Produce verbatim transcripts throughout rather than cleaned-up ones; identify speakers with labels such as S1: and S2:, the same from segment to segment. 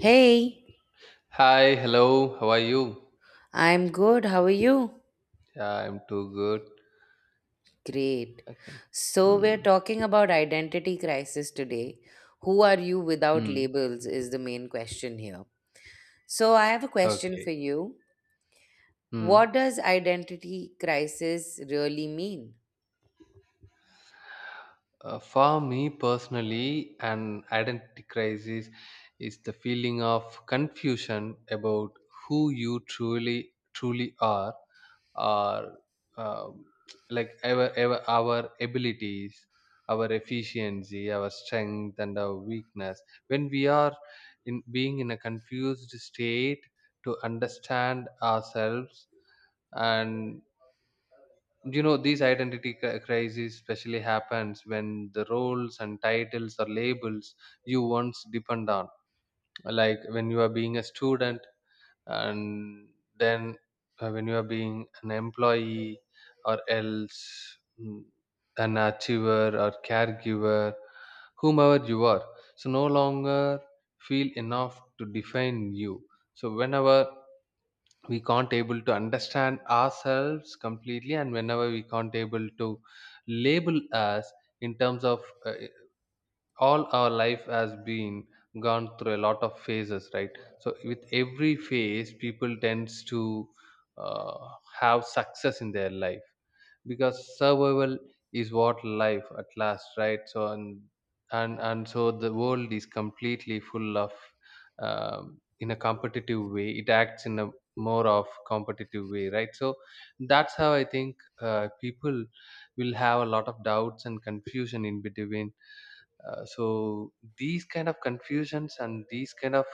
S1: Hey,
S2: Hi, hello. How are you?
S1: I'm good. How are you?
S2: Yeah, I'm too good.
S1: Great.
S2: Okay.
S1: So, we're
S2: Hmm.
S1: talking about identity crisis today. Who are you without
S2: Hmm.
S1: labels is the main question here. So, I have a question
S2: Okay.
S1: for you.
S2: Hmm.
S1: What does identity crisis really mean?
S2: Uh, for me personally, an identity crisis is the feeling of confusion about who you truly truly are, or um, like our, our our abilities, our efficiency, our strength, and our weakness. When we are in being in a confused state to understand ourselves and you know these identity cri- crises especially happens when the roles and titles or labels you once depend on, like when you are being a student, and then uh, when you are being an employee, or else mm, an achiever or caregiver, whomever you are, so no longer feel enough to define you. So whenever we can't able to understand ourselves completely, and whenever we can't able to label us in terms of uh, all our life has been gone through a lot of phases, right? So with every phase people tends to uh, have success in their life, because survival is what life at last, right? So and and and so the world is completely full of um, in a competitive way, it acts in a more of competitive way, right? So that's how I think uh, people will have a lot of doubts and confusion in between. Uh, so these kind of confusions and these kind of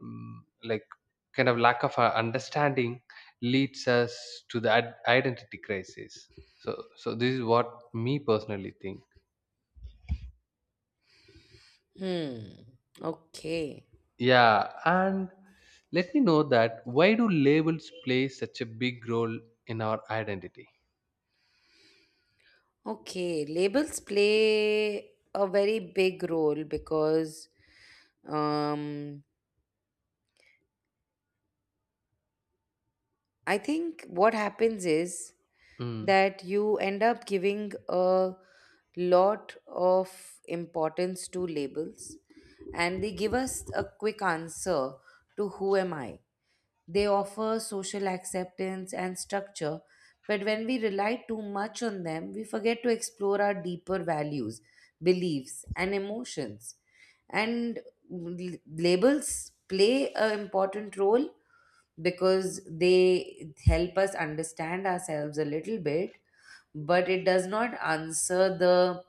S2: mm, like kind of lack of uh, understanding leads us to the ad- identity crisis. So so this is what me personally think.
S1: Hmm. Okay.
S2: Yeah, and let me know that why do labels play such a big role in our identity.
S1: Okay, labels play a very big role because um, I think what happens is
S2: Mm.
S1: that you end up giving a lot of importance to labels and they give us a quick answer to who am I. They offer social acceptance and structure, but when we rely too much on them, we forget to explore our deeper values, beliefs, and emotions. And l- labels play an important role because they help us understand ourselves a little bit, but it does not answer the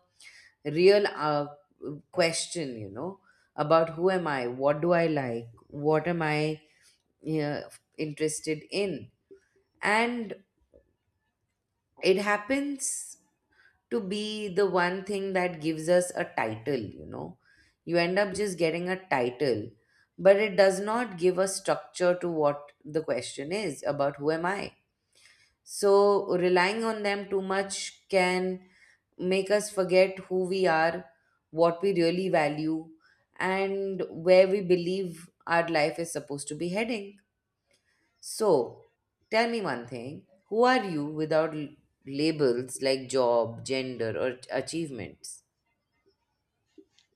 S1: real uh, question, you know, about who am I, what do I like, what am I uh, interested in. And it happens to be the one thing that gives us a title, you know, you end up just getting a title, but it does not give a structure to what the question is about who am I. So, relying on them too much can make us forget who we are, what we really value, and where we believe our life is supposed to be heading. So, tell me one thing, who are you without l- labels like job, gender, or ach- achievements?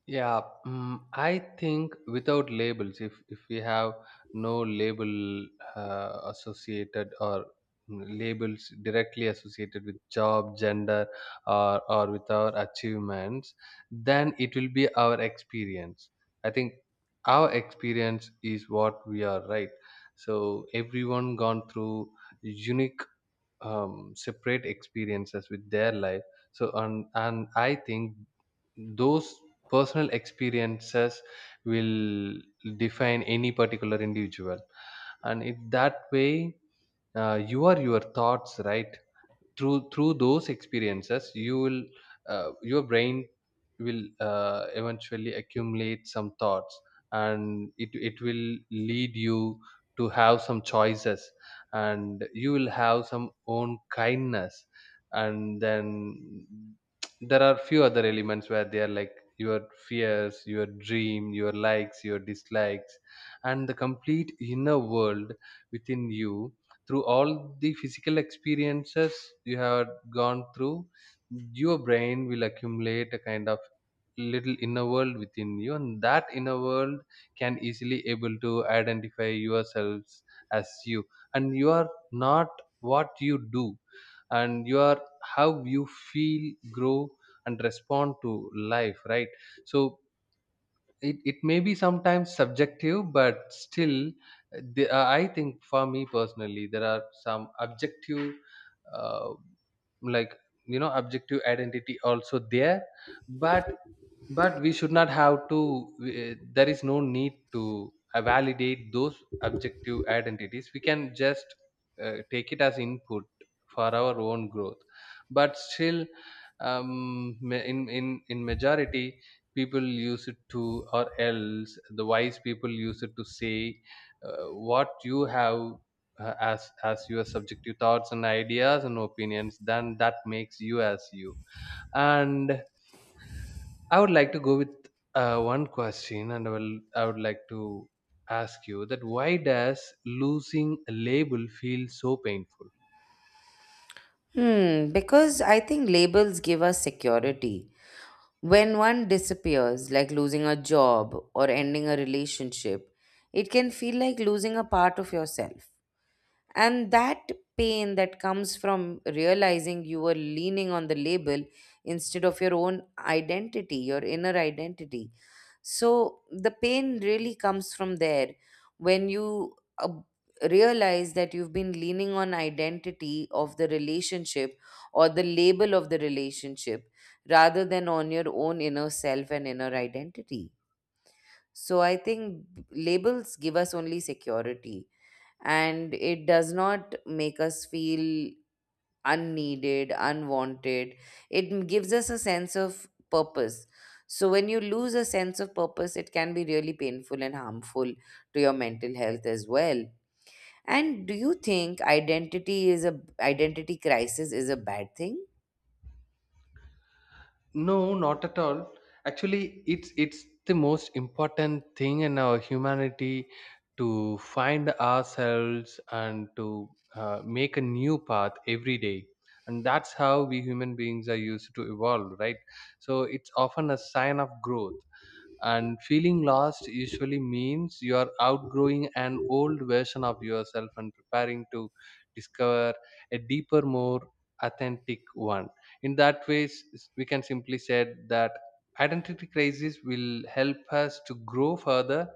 S2: Yeah, mm, I think without labels, if if we have no label uh, associated or mm, labels directly associated with job, gender, or or with our achievements, then it will be our experience. I think our experience is what we are, right? So everyone gone through unique um, separate experiences with their life. So and and I think those personal experiences will define any particular individual, and it that way uh, you are your thoughts, right? Through through those experiences you will uh, your brain will uh, eventually accumulate some thoughts, and it it will lead you to have some choices, and you will have some own kindness. And then there are few other elements where they are like your fears, your dream, your likes, your dislikes, and the complete inner world within you. Through all the physical experiences you have gone through, your brain will accumulate a kind of little inner world within you, and that inner world can easily able to identify yourselves as you. And you are not what you do, and you are how you feel, grow, and respond to life, right? So it, it may be sometimes subjective, but still uh, the, uh, I think for me personally there are some objective uh, like you know objective identity also there, but but we should not have to uh, there is no need to uh, validate those objective identities. We can just uh, take it as input for our own growth. But still um, ma- in in in majority, people use it to, or else the wise people use it to say uh, what you have uh, as as your subjective thoughts and ideas and opinions, then that makes you as you. And I would like to go with uh, one question, and I will. I would like to ask you that why does losing a label feel so painful?
S1: Hmm, because I think labels give us security. When one disappears, like losing a job or ending a relationship, it can feel like losing a part of yourself. And that pain that comes from realizing you were leaning on the label instead of your own identity, your inner identity. So the pain really comes from there when you uh, realize that you've been leaning on identity of the relationship or the label of the relationship rather than on your own inner self and inner identity. So I think b- labels give us only security and it does not make us feel unneeded, unwanted. It m- gives us a sense of purpose. So, when you lose a sense of purpose, it can be really painful and harmful to your mental health as well. And do you think identity is a identity crisis is a bad thing?
S2: No, not at all. Actually, it's it's the most important thing in our humanity to find ourselves and to uh, make a new path every day. And that's how we human beings are used to evolve, right? So it's often a sign of growth, and feeling lost usually means you are outgrowing an old version of yourself and preparing to discover a deeper, more authentic one. In that way, s- s- we can simply say that identity crisis will help us to grow further,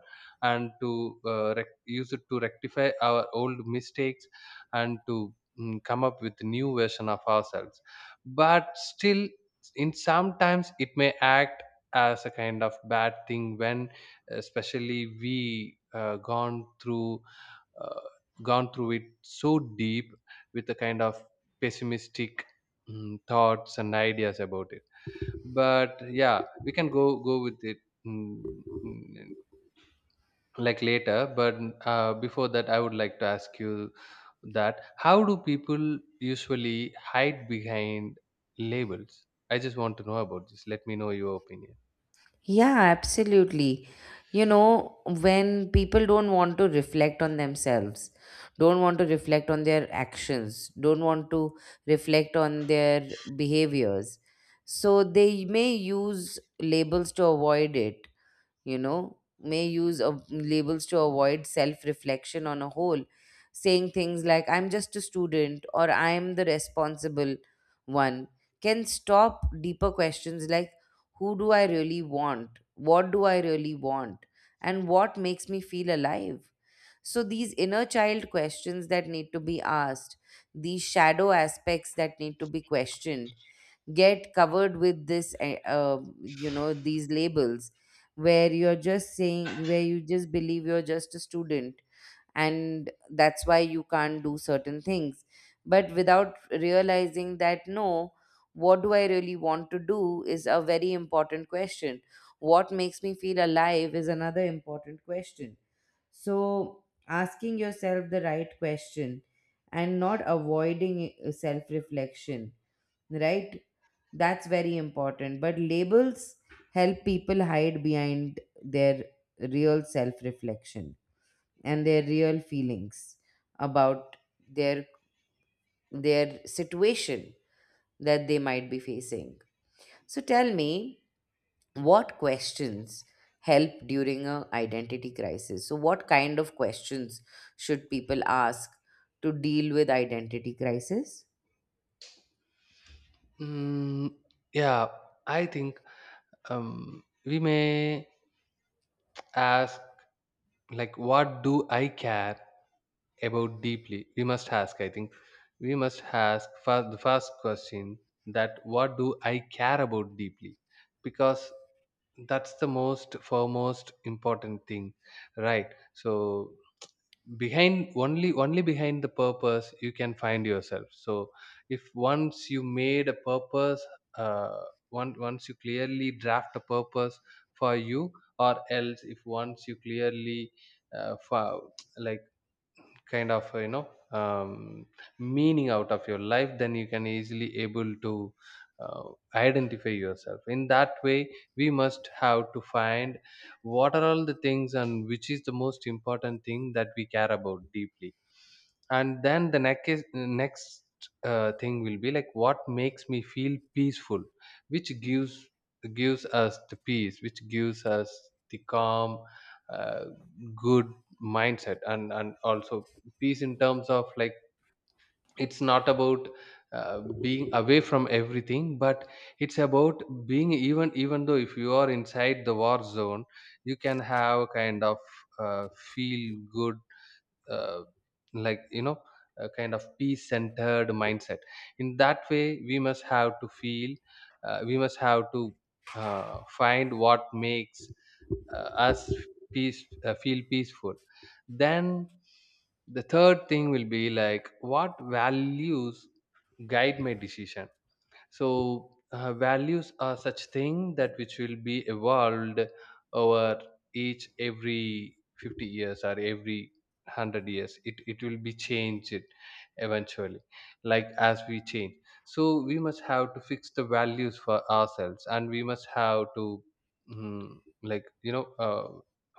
S2: and to uh, rec- use it to rectify our old mistakes, and to mm, come up with new version of ourselves. But still in sometimes it may act as a kind of bad thing when especially we uh, gone through uh, gone through it so deep with a kind of pessimistic mm, thoughts and ideas about it. But yeah, we can go go with it mm, mm, like later. But uh, before that I would like to ask you that how do people usually hide behind labels. I just want to know about this. Let me know your opinion.
S1: Yeah, absolutely. You know, when people don't want to reflect on themselves, don't want to reflect on their actions, don't want to reflect on their behaviors, so they may use labels to avoid it, you know, may use of labels to avoid self reflection on a whole, saying things like, I'm just a student or I'm the responsible one, can stop deeper questions like, who do I really want? What do I really want? And what makes me feel alive? So, these inner child questions that need to be asked, these shadow aspects that need to be questioned, get covered with this eh, uh, you know, these labels, where you're just saying, where you just believe you're just a student and that's why you can't do certain things, but without realizing that no, what do I really want to do is a very important question, what makes me feel alive is another important question. So, asking yourself the right question and not avoiding self reflection, right, that's very important. But labels help people hide behind their real self reflection and their real feelings about their their situation that they might be facing. So tell me, what questions help during a identity crisis, so what kind of questions should people ask to deal with identity crisis?
S2: Mm, yeah, I think um, we may ask, like, what do I care about deeply? We must ask, I think. We must ask first, the first question, that what do I care about deeply? Because that's the most foremost important thing, right? So behind only only behind the purpose you can find yourself. So if once you made a purpose, uh, one, once you clearly draft a purpose for you, or else if once you clearly uh, for, like kind of uh, you know um, meaning out of your life, then you can easily able to uh, identify yourself. In that way we must have to find what are all the things, and which is the most important thing that we care about deeply. And then the next is, next uh, thing will be like, what makes me feel peaceful? Which gives gives us the peace, which gives us the calm uh, good mindset, and and also peace in terms of like, it's not about uh, being away from everything, but it's about being, even even though if you are inside the war zone, you can have kind of uh, feel good, uh, like you know, a kind of peace centered mindset. In that way we must have to feel, uh, we must have to uh, find what makes uh, us peace, uh, feel peaceful. Then the third thing will be like, what values guide my decision? So uh, values are such thing that which will be evolved over each every fifty years, or every a hundred years, it, it will be changed. It eventually, like as we change. So we must have to fix the values for ourselves, and we must have to mm, like you know uh,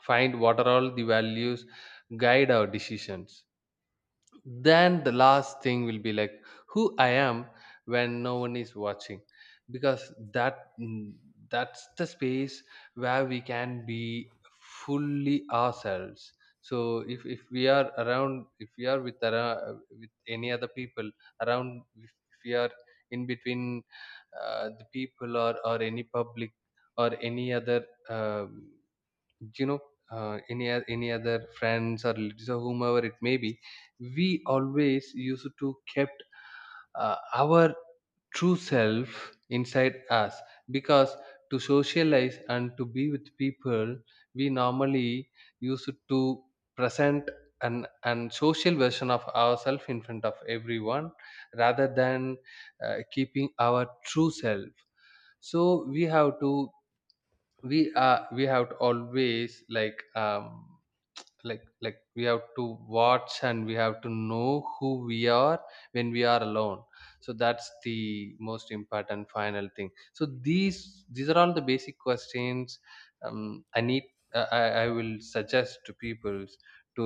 S2: find what are all the values guide our decisions. Then the last thing will be like, who I am when no one is watching, because that mm, that's the space where we can be fully ourselves. So if, if we are around, if we are with ara- with any other people around, if, if we are in between uh, the people, or or any public, or any other um do you know uh, any oth- any other friends or relatives or whomever it may be, we always used to kept uh, our true self inside us, because to socialize and to be with people we normally used to present an an social version of ourselves in front of everyone, rather than uh, keeping our true self. So we have to, we are we have to always like um, like like we have to watch, and we have to know who we are when we are alone. So that's the most important final thing. So these these are all the basic questions um, I need uh, I, I will suggest to people to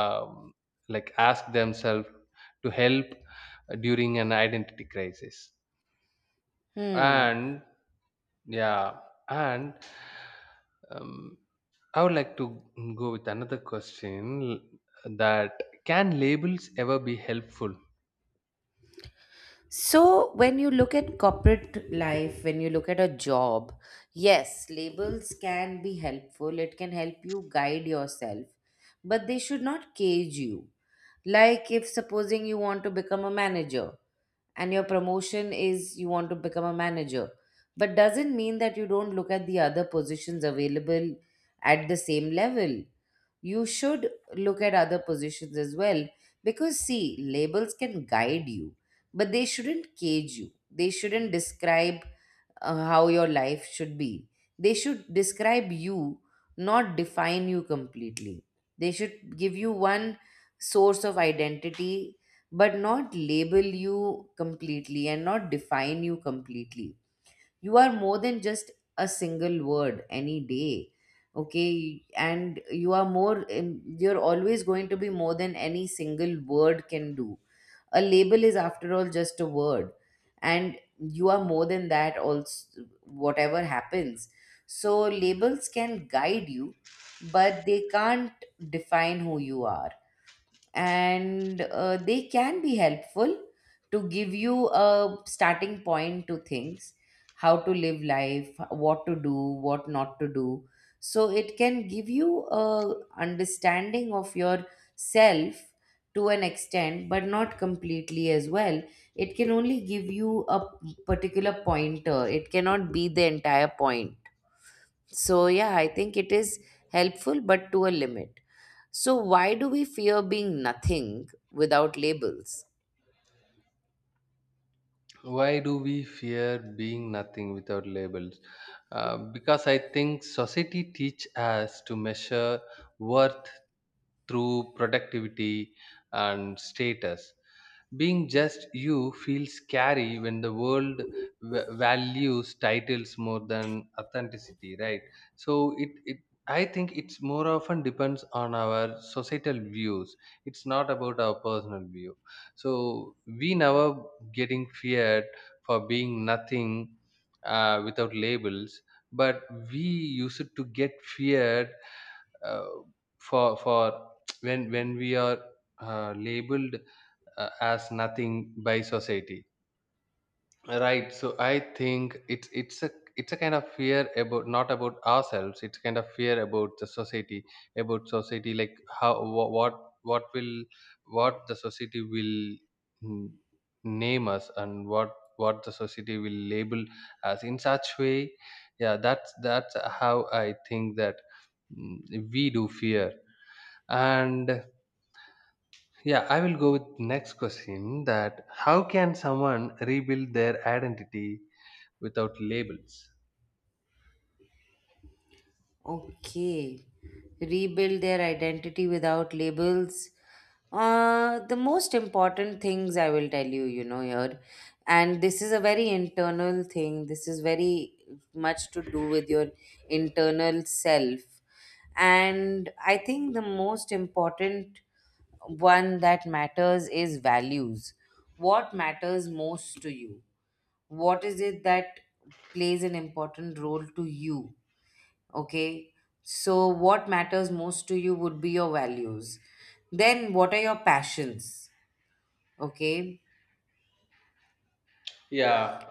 S2: um, like ask themselves to help during an identity crisis.
S1: Hmm.
S2: And yeah, and um, I would like to go with another question, that can labels ever be helpful?
S1: So when you look at corporate life, when you look at a job, yes, labels can be helpful, it can help you guide yourself, but they should not cage you. Like, if supposing you want to become a manager and your promotion is you want to become a manager, but doesn't mean that you don't look at the other positions available at the same level. You should look at other positions as well, because see, labels can guide you, but they shouldn't cage you. They shouldn't describe uh, how your life should be. They should describe you, not define you completely. They should give you one source of identity, but not label you completely and not define you completely. You are more than just a single word any day. Okay, and you are more, you're always going to be more than any single word can do, a label is, after all, just a word, and you are more than that, also, whatever happens. So, labels can guide you, but they can't define who you are. And uh, they can be helpful to give you a starting point to things, how to live life, what to do, what not to do. So it can give you a understanding of your self to an extent, but not completely as well. It can only give you a particular pointer, it cannot be the entire point. So yeah, I think it is helpful but to a limit. So, why do we fear being nothing without labels?
S2: Why do we fear being nothing without labels? Uh, because I think society teach us to measure worth through productivity and status. Being just you feels scary when the world v- values titles more than authenticity, right? So it, it I think it's more often depends on our societal views. It's not about our personal view. So we never getting feared for being nothing uh, without labels, but we used to get feared uh, for for when when we are uh, labeled uh, as nothing by society, right? So I think it's it's a it's a kind of fear about, not about ourselves, it's kind of fear about the society, about society, like how wha- what what will, what the society will mm, name us, and what what the society will label us in such way. Yeah, that's that's how I think that mm, we do fear. And yeah, I will go with next question, that how can someone rebuild their identity without labels?
S1: Okay, rebuild their identity without labels. Uh, the most important things I will tell you, you know, here, and this is a very internal thing. This is very much to do with your internal self. And I think the most important one that matters is values. What matters most to you? What is it that plays an important role to you? Okay, so what matters most to you would be your values. Then what are your passions? Okay,
S2: Yeah.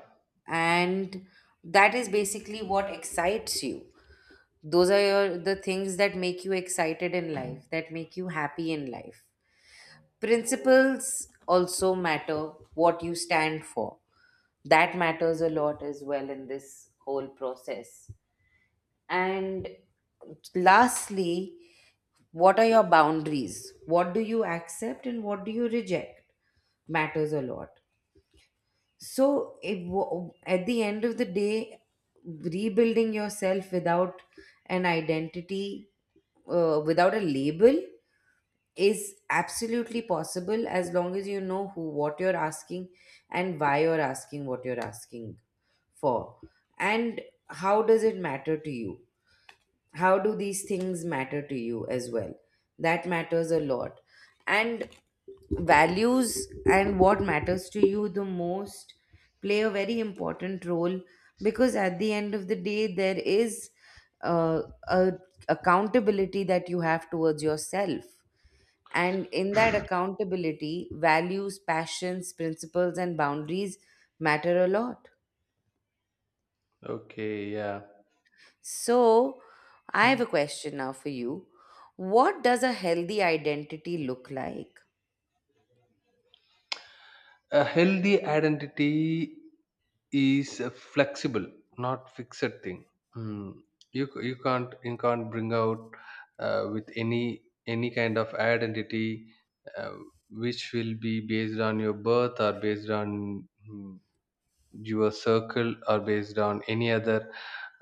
S1: and that is basically what excites you, those are your the things that make you excited in life, that make you happy in life. Principles also matter, what you stand for, that matters a lot as well in this whole process. And lastly, what are your boundaries? What do you accept and what do you reject? Matters a lot. So, it, wa- at the end of the day, rebuilding yourself without an identity, uh, without a label, is absolutely possible as long as you know who, what you're asking, and why you're asking what you're asking for. And how does it matter to you? How do these things matter to you as well, that matters a lot. And values and what matters to you the most play a very important role, because at the end of the day there is uh, a accountability that you have towards yourself, and in that accountability values, passions, principles and boundaries matter a lot.
S2: Okay, yeah.
S1: So, I have
S2: Mm.
S1: a question now for you. What does a healthy identity look like?
S2: A healthy identity is a flexible, not fixed thing. Mm. You c- you can't you can't bring out uh, with any any kind of identity uh, which will be based on your birth or based on mm, your circle or based on any other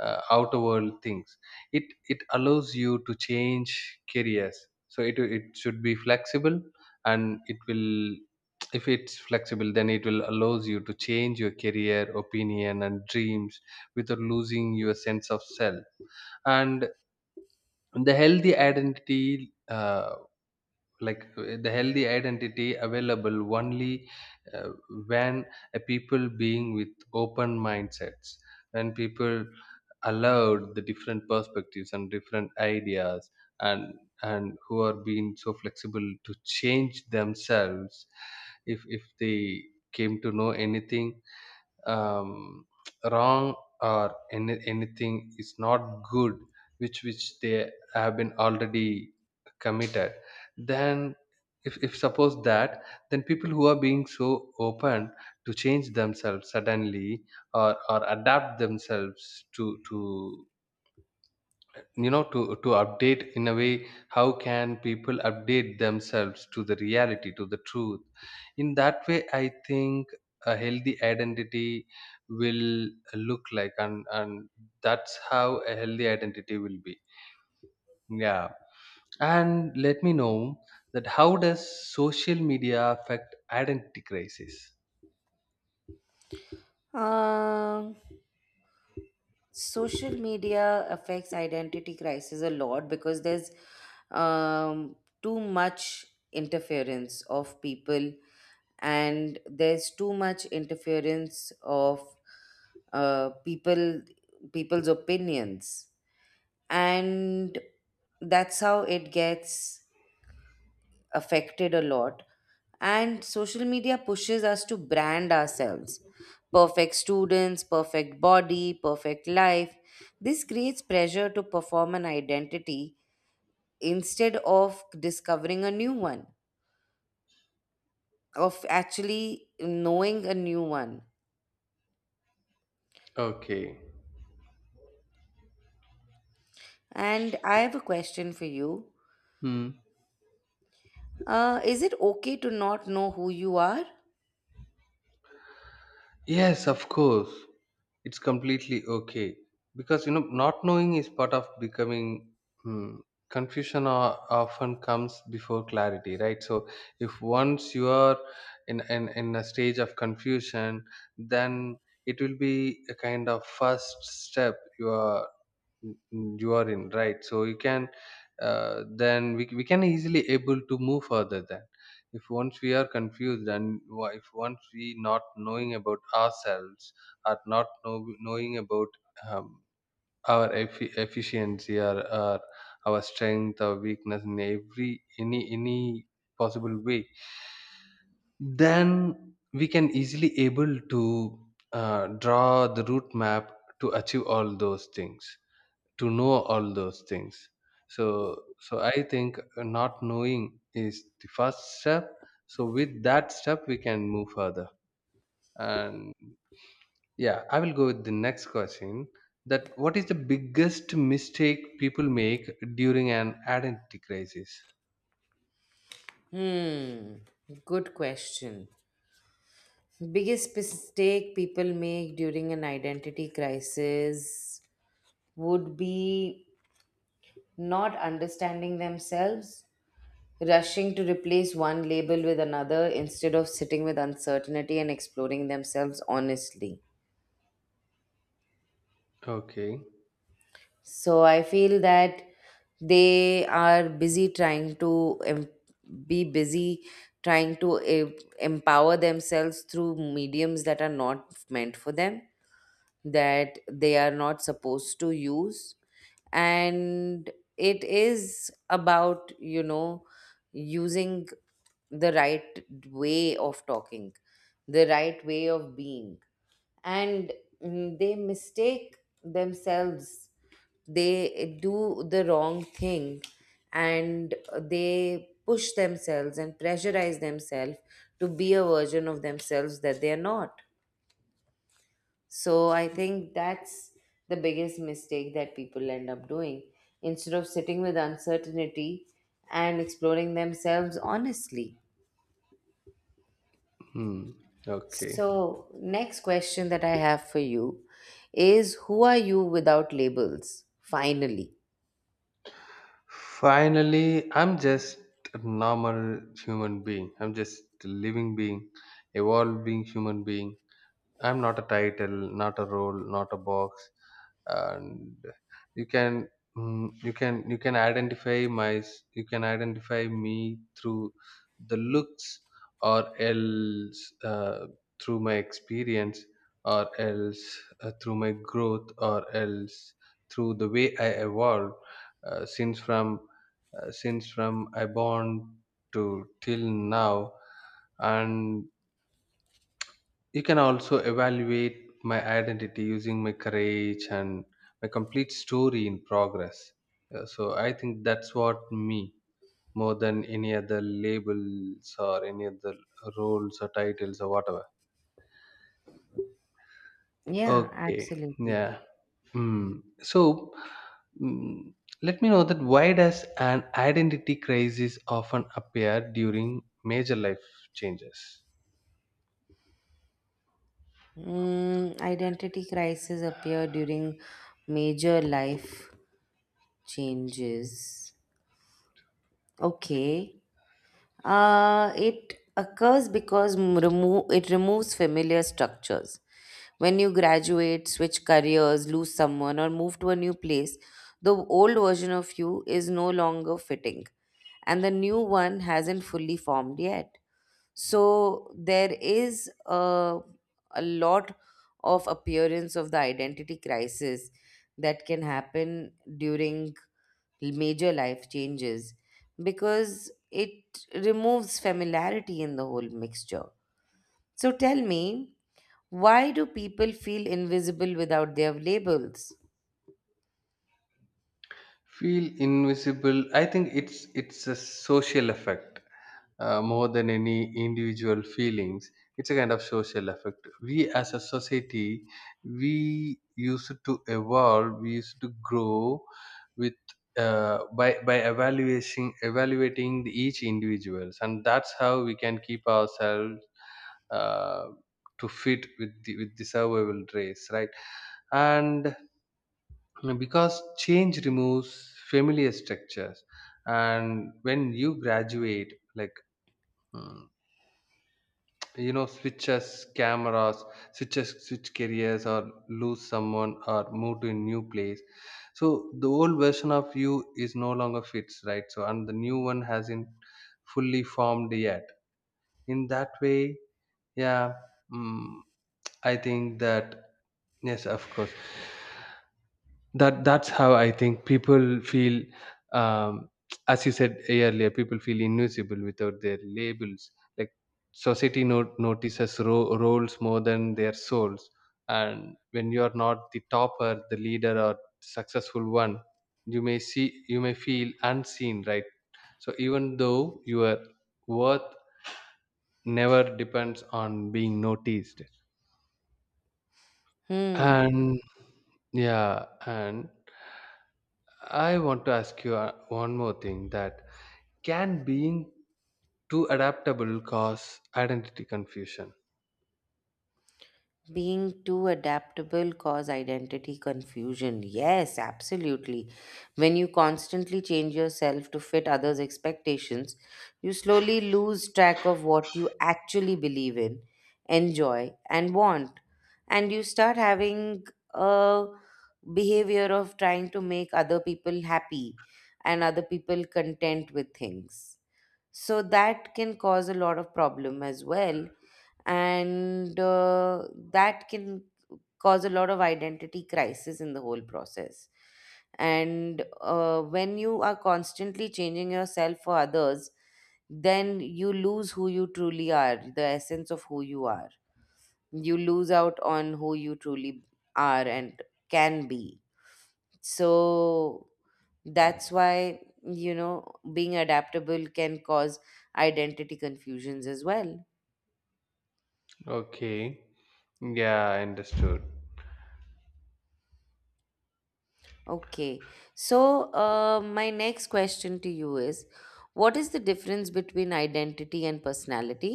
S2: uh, outer world things. It it allows you to change careers, so it it should be flexible, and it will, if it's flexible, then it will allows you to change your career, opinion, and dreams without losing your sense of self. And the healthy identity uh, like uh, the healthy identity available only uh, when a people being with open mindsets, when people allowed the different perspectives and different ideas, and and who are being so flexible to change themselves if if they came to know anything um, wrong or any, anything is not good which which they have been already committed. Then if, if suppose that, then people who are being so open to change themselves suddenly, or, or adapt themselves to to you know to to update in a way, how can people update themselves to the reality, to the truth. In that way, I think a healthy identity will look like, and and that's how a healthy identity will be. Yeah. And let me know that how does social media affect identity crisis?
S1: Um, Social media affects identity crisis a lot because there's um, too much interference of people, and there's too much interference of uh, people people's opinions, and that's how it gets affected a lot. And social media pushes us to brand ourselves. Perfect students, perfect body, perfect life. This creates pressure to perform an identity instead of discovering a new one, of actually knowing a new one.
S2: Okay.
S1: And I have a question for you.
S2: Hmm.
S1: Uh, is it okay to not know who you are?
S2: Yes, of course. It's completely okay because, you know, not knowing is part of becoming. Hmm, confusion o- often comes before clarity, right? So if once you are in, in in a stage of confusion, then it will be a kind of first step you are. Mm, mm, you are in, right? So you can, uh, then we, we can easily able to move further. Then if once we are confused and wa- if once we not knowing about ourselves, or not know, knowing about um, our effi efficiency, or, or our strength or weakness in every any any possible way, then we can easily able to uh, draw the route map to achieve all those things, to know all those things. So, so I think uh, not knowing is the first step, so with that step we can move further. And yeah, I will go with the next question, that what is the biggest mistake people make during an identity crisis?
S1: Hmm, good question. Biggest mistake people make during an identity crisis would be not understanding themselves, rushing to replace one label with another instead of sitting with uncertainty and exploring themselves honestly.
S2: Okay.
S1: So I feel that they are busy trying to em- be busy trying to em- empower themselves through mediums that are not meant for them, that they are not supposed to use. And it is about, you know, using the right way of talking, the right way of being. And mm, they mistake themselves, they do the wrong thing, and they push themselves and pressurize themselves to be a version of themselves that they are not. So I think that's the biggest mistake that people end up doing, instead of sitting with uncertainty and exploring themselves honestly.
S2: Hmm. Okay.
S1: So, next question that I have for you is, who are you without labels? Finally.
S2: Finally, I'm just a normal human being. I'm just a living being, evolving human being. I'm not a title, not a role, not a box. And you can, mm, you can you can identify my s- you can identify me through the looks, or else uh, through my experience, or else uh, through my growth, or else through the way I evolve, uh, since from uh, since from I born to till now. And you can also evaluate my identity using my courage and my complete story in progress. Uh, So I think that's what me, more than any other labels or any other roles or titles or whatever.
S1: Yeah,
S2: Okay.
S1: absolutely.
S2: Yeah. Mm. So, mm, let me know that why does an identity crisis often appear during major life changes?
S1: Mm, identity crises appear during major life changes. Okay. Uh, it occurs because m- remo- it removes familiar structures. When you graduate, switch careers, lose someone, or move to a new place, the old version of you is no longer fitting, and the new one hasn't fully formed yet. So there is a, a lot of appearance of the identity crisis that can happen during major life changes, because it removes familiarity in the whole mixture. So tell me, why do people feel invisible without their labels?
S2: Feel invisible. I think it's it's a social effect, uh, more than any individual feelings. It's a kind of social effect. We as a society, we used to evolve, we used to grow with, uh, by by evaluating evaluating the each individuals, and that's how we can keep ourselves uh, to fit with the with the survival race, right? And because change removes familiar structures, and when you graduate, like, hmm, you know, switches cameras, switches switch careers, or lose someone or move to a new place, so the old version of you is no longer fits, right? So and the new one hasn't fully formed yet. In that way, yeah, mm, I think that, yes of course, that that's how I think people feel, um, as you said earlier, people feel invisible without their labels, like society no- notices ro- roles more than their souls. And when you are not the topper, the leader, or successful one, you may see, you may feel unseen, right? So even though your worth never depends on being noticed.
S1: Hmm.
S2: And yeah, and I want to ask you uh, one more thing, that can being too adaptable cause identity confusion?
S1: Being too adaptable cause identity confusion. Yes, absolutely. When you constantly change yourself to fit others' expectations, you slowly lose track of what you actually believe in, enjoy, and want. And you start having a behavior of trying to make other people happy and other people content with things, so that can cause a lot of problem as well. And uh, That can cause a lot of identity crisis in the whole process. And uh, When you are constantly changing yourself for others, then you lose who you truly are, the essence of who you are. You lose out on who you truly are and can be. So that's why you know being adaptable can cause identity confusions as well.
S2: Okay. Yeah, I understood.
S1: Okay, so uh, my next question to you is, what is the difference between identity and personality?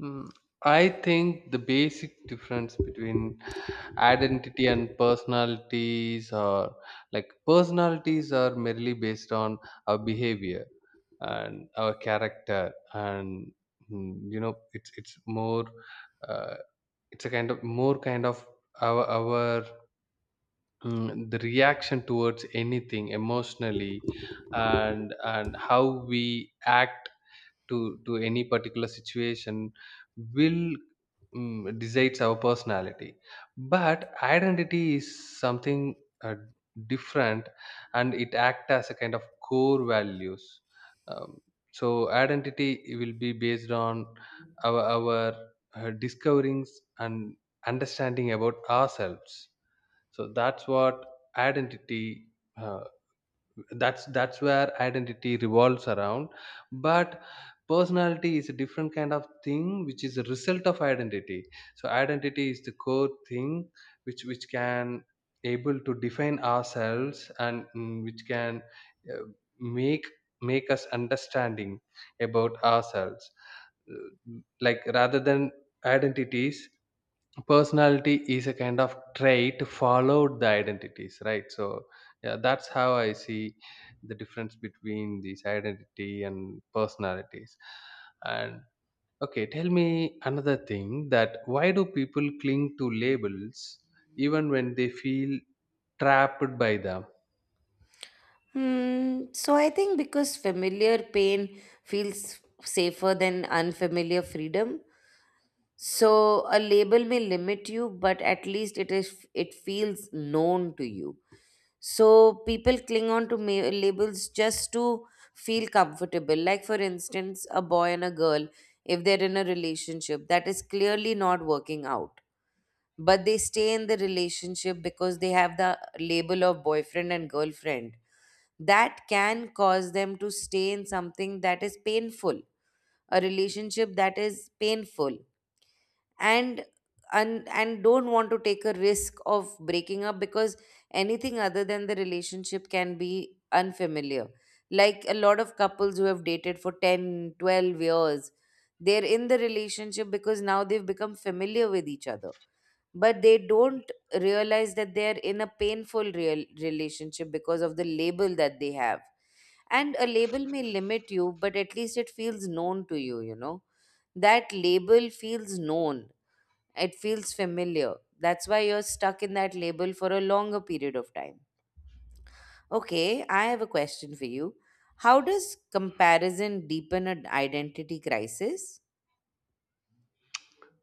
S2: Mm, I think the basic difference between identity and personalities are, like, personalities are merely based on our behavior and our character. And, mm, you know, it's it's more, uh, it's a kind of more kind of our our mm, the reaction towards anything emotionally, and and how we act to to any particular situation will, mm, decides our personality. But identity is something uh, different, and it act as a kind of core values. um, so identity will be based on our our uh, discoverings and understanding about ourselves. So that's what identity, uh, that's that's where identity revolves around. But personality is a different kind of thing which is a result of identity. So identity is the core thing which which can able to define ourselves, and, mm, which can uh, make make us understanding about ourselves. Uh, like, rather than identities, personality is a kind of trait followed the identities, right? So yeah, that's how I see the difference between these identity and personalities. And okay, tell me another thing, that why do people cling to labels even when they feel trapped by them?
S1: Hmm, so I think because familiar pain feels safer than unfamiliar freedom. So a label may limit you, but at least it is it feels known to you. So people cling on to ma- labels just to feel comfortable. Like, for instance, a boy and a girl, if they're in a relationship that is clearly not working out, but they stay in the relationship because they have the label of boyfriend and girlfriend, that can cause them to stay in something that is painful, a relationship that is painful, and and and don't want to take a risk of breaking up because anything other than the relationship can be unfamiliar. Like a lot of couples who have dated for ten, twelve years, they're in the relationship because now they've become familiar with each other, but they don't realize that they're in a painful real relationship because of the label that they have. And a label may limit you, but at least it feels known to you you know That label feels known, it feels familiar. That's why you're stuck in that label for a longer period of time. Okay, I have a question for you. How does comparison deepen an identity crisis?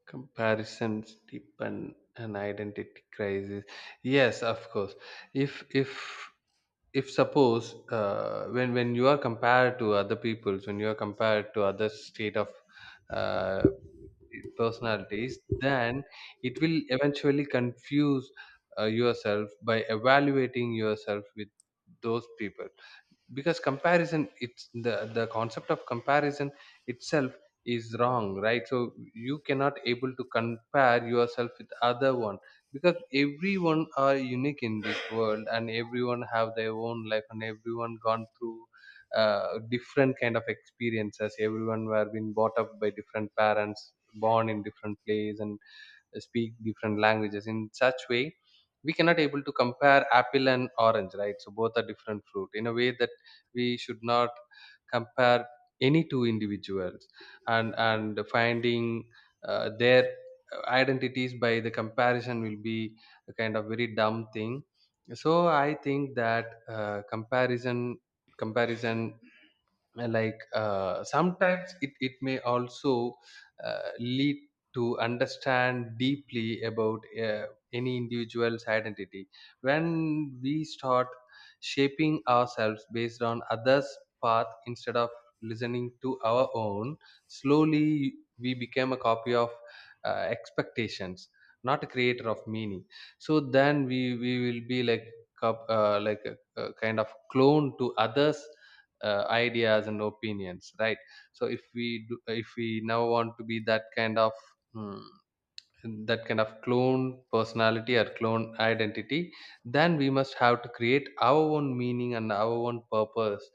S2: Comparisons deepen an identity crisis. Yes, of course. If if if suppose, uh, when when you are compared to other peoples, when you are compared to other state of uh, personalities, then it will eventually confuse uh, yourself by evaluating yourself with those people. Because comparison, it's the the concept of comparison itself is wrong, right? So you cannot able to compare yourself with other one, because everyone are unique in this world, and everyone have their own life, and everyone gone through uh, different kind of experiences. Everyone were been brought up by different parents, born in different place, and speak different languages. In such way, we cannot able to compare apple and orange, right? So both are different fruit. In a way that we should not compare any two individuals, and and finding uh, their identities by the comparison will be a kind of very dumb thing. So I think that, uh, comparison, comparison, uh, like, uh, sometimes it, it may also uh, lead to understand deeply about uh, any individual's identity. When we start shaping ourselves based on others path instead of listening to our own, slowly we become a copy of uh, expectations, not a creator of meaning. So then we we will be like cop- uh, like a, a kind of clone to others uh, ideas and opinions, right? So if we do, if we now want to be that kind of, mm, that kind of clone personality or clone identity, then we must have to create our own meaning and our own purpose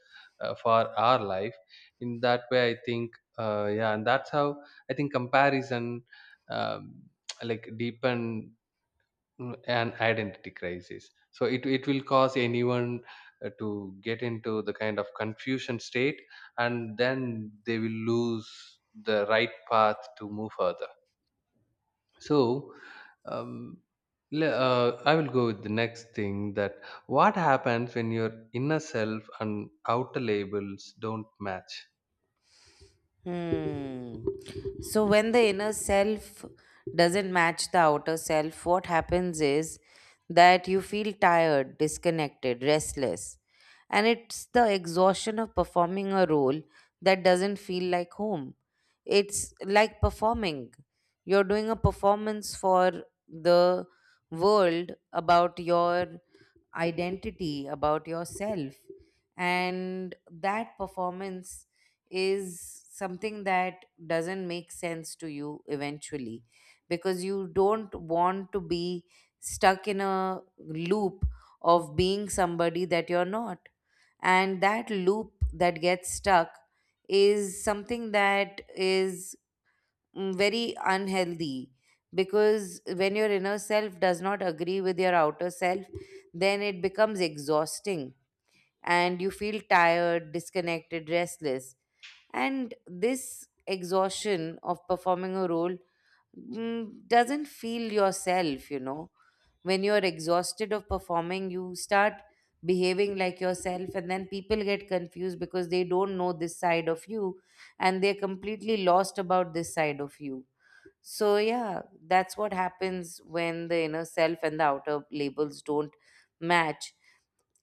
S2: uh, for our life. In that way, I think, uh, yeah, and that's how I think comparison um, like deepen, mm, an identity crisis. So it, it will cause anyone uh, to get into the kind of confusion state, and then they will lose the right path to move further. So, um, le- uh, I will go with the next thing, that what happens when your inner self and outer labels don't match?
S1: Hmm. So when the inner self doesn't match the outer self, what happens is that you feel tired, disconnected, restless. And it's the exhaustion of performing a role that doesn't feel like home. It's like performing. You're doing a performance for the world about your identity, about yourself, and that performance is something that doesn't make sense to you eventually, because you don't want to be stuck in a loop of being somebody that you're not. And that loop that gets stuck is something that is mm, very unhealthy, because when your inner self does not agree with your outer self, then it becomes exhausting and you feel tired, disconnected, restless. And this exhaustion of performing a role mm, doesn't feel yourself, you know. When you're exhausted of performing, you start behaving like yourself, and then people get confused because they don't know this side of you, and they're completely lost about this side of you. So, yeah, that's what happens when the inner self and the outer labels don't match.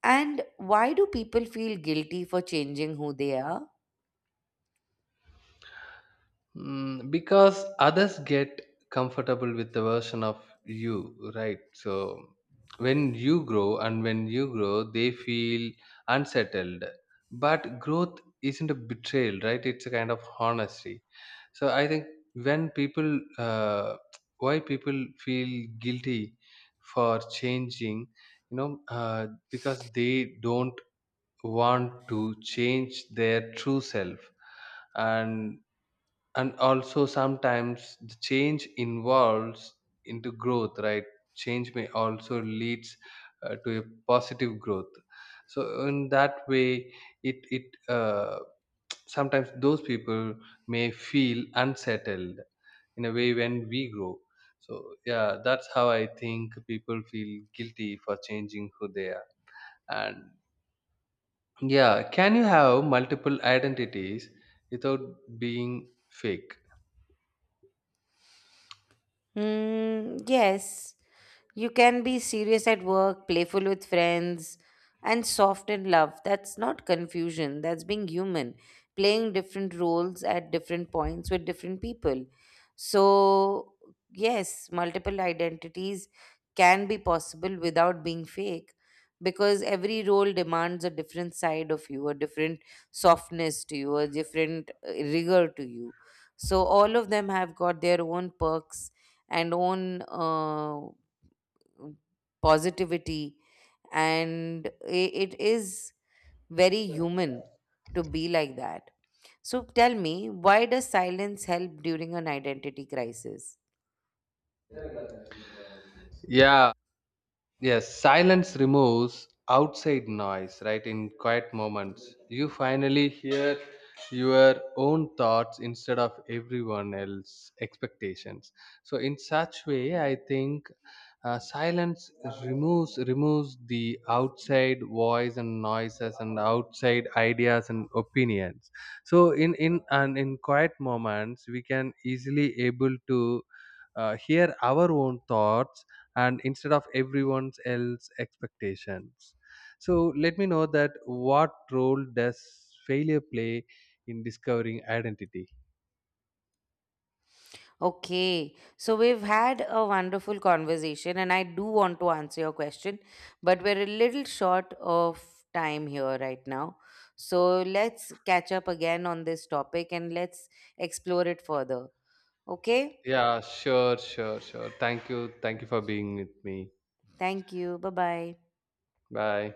S1: And why do people feel guilty for changing who they are?
S2: Mm, because others get comfortable with the version of you, right? So when you grow and when you grow, they feel unsettled. But growth isn't a betrayal, right? It's a kind of honesty. So I think, when people, uh, why people feel guilty for changing, you know, uh, because they don't want to change their true self. and and also sometimes the change involves into growth, right? Change may also leads uh, to a positive growth. So in that way, it it uh, sometimes those people may feel unsettled in a way when we grow. So yeah, that's how I think people feel guilty for changing who they are. And yeah, can you have multiple identities without being fake?
S1: Mm, yes, you can be serious at work, playful with friends, and soft in love. That's not confusion, that's being human, playing different roles at different points with different people. So, yes, multiple identities can be possible without being fake, because every role demands a different side of you, a different softness to you, a different uh, rigor to you. So, all of them have got their own perks and own uh, positivity. And i- it is very human to be like that. So tell me, why does silence help during an identity crisis?
S2: Yeah. Yes, silence removes outside noise, right? In quiet moments, you finally hear your own thoughts instead of everyone else's expectations. So, in such way, I think uh, silence removes removes the outside voice and noises and outside ideas and opinions. So, in in and in quiet moments, we can easily able to uh, hear our own thoughts, and instead of everyone's else expectations. So let me know that what role does failure play in discovering identity?
S1: Okay, so we've had a wonderful conversation and I do want to answer your question, but we're a little short of time here right now. So let's catch up again on this topic and let's explore it further. Okay,
S2: Yeah, sure, sure, sure. Thank you, thank you for being with me.
S1: thank you. Bye bye.
S2: Bye.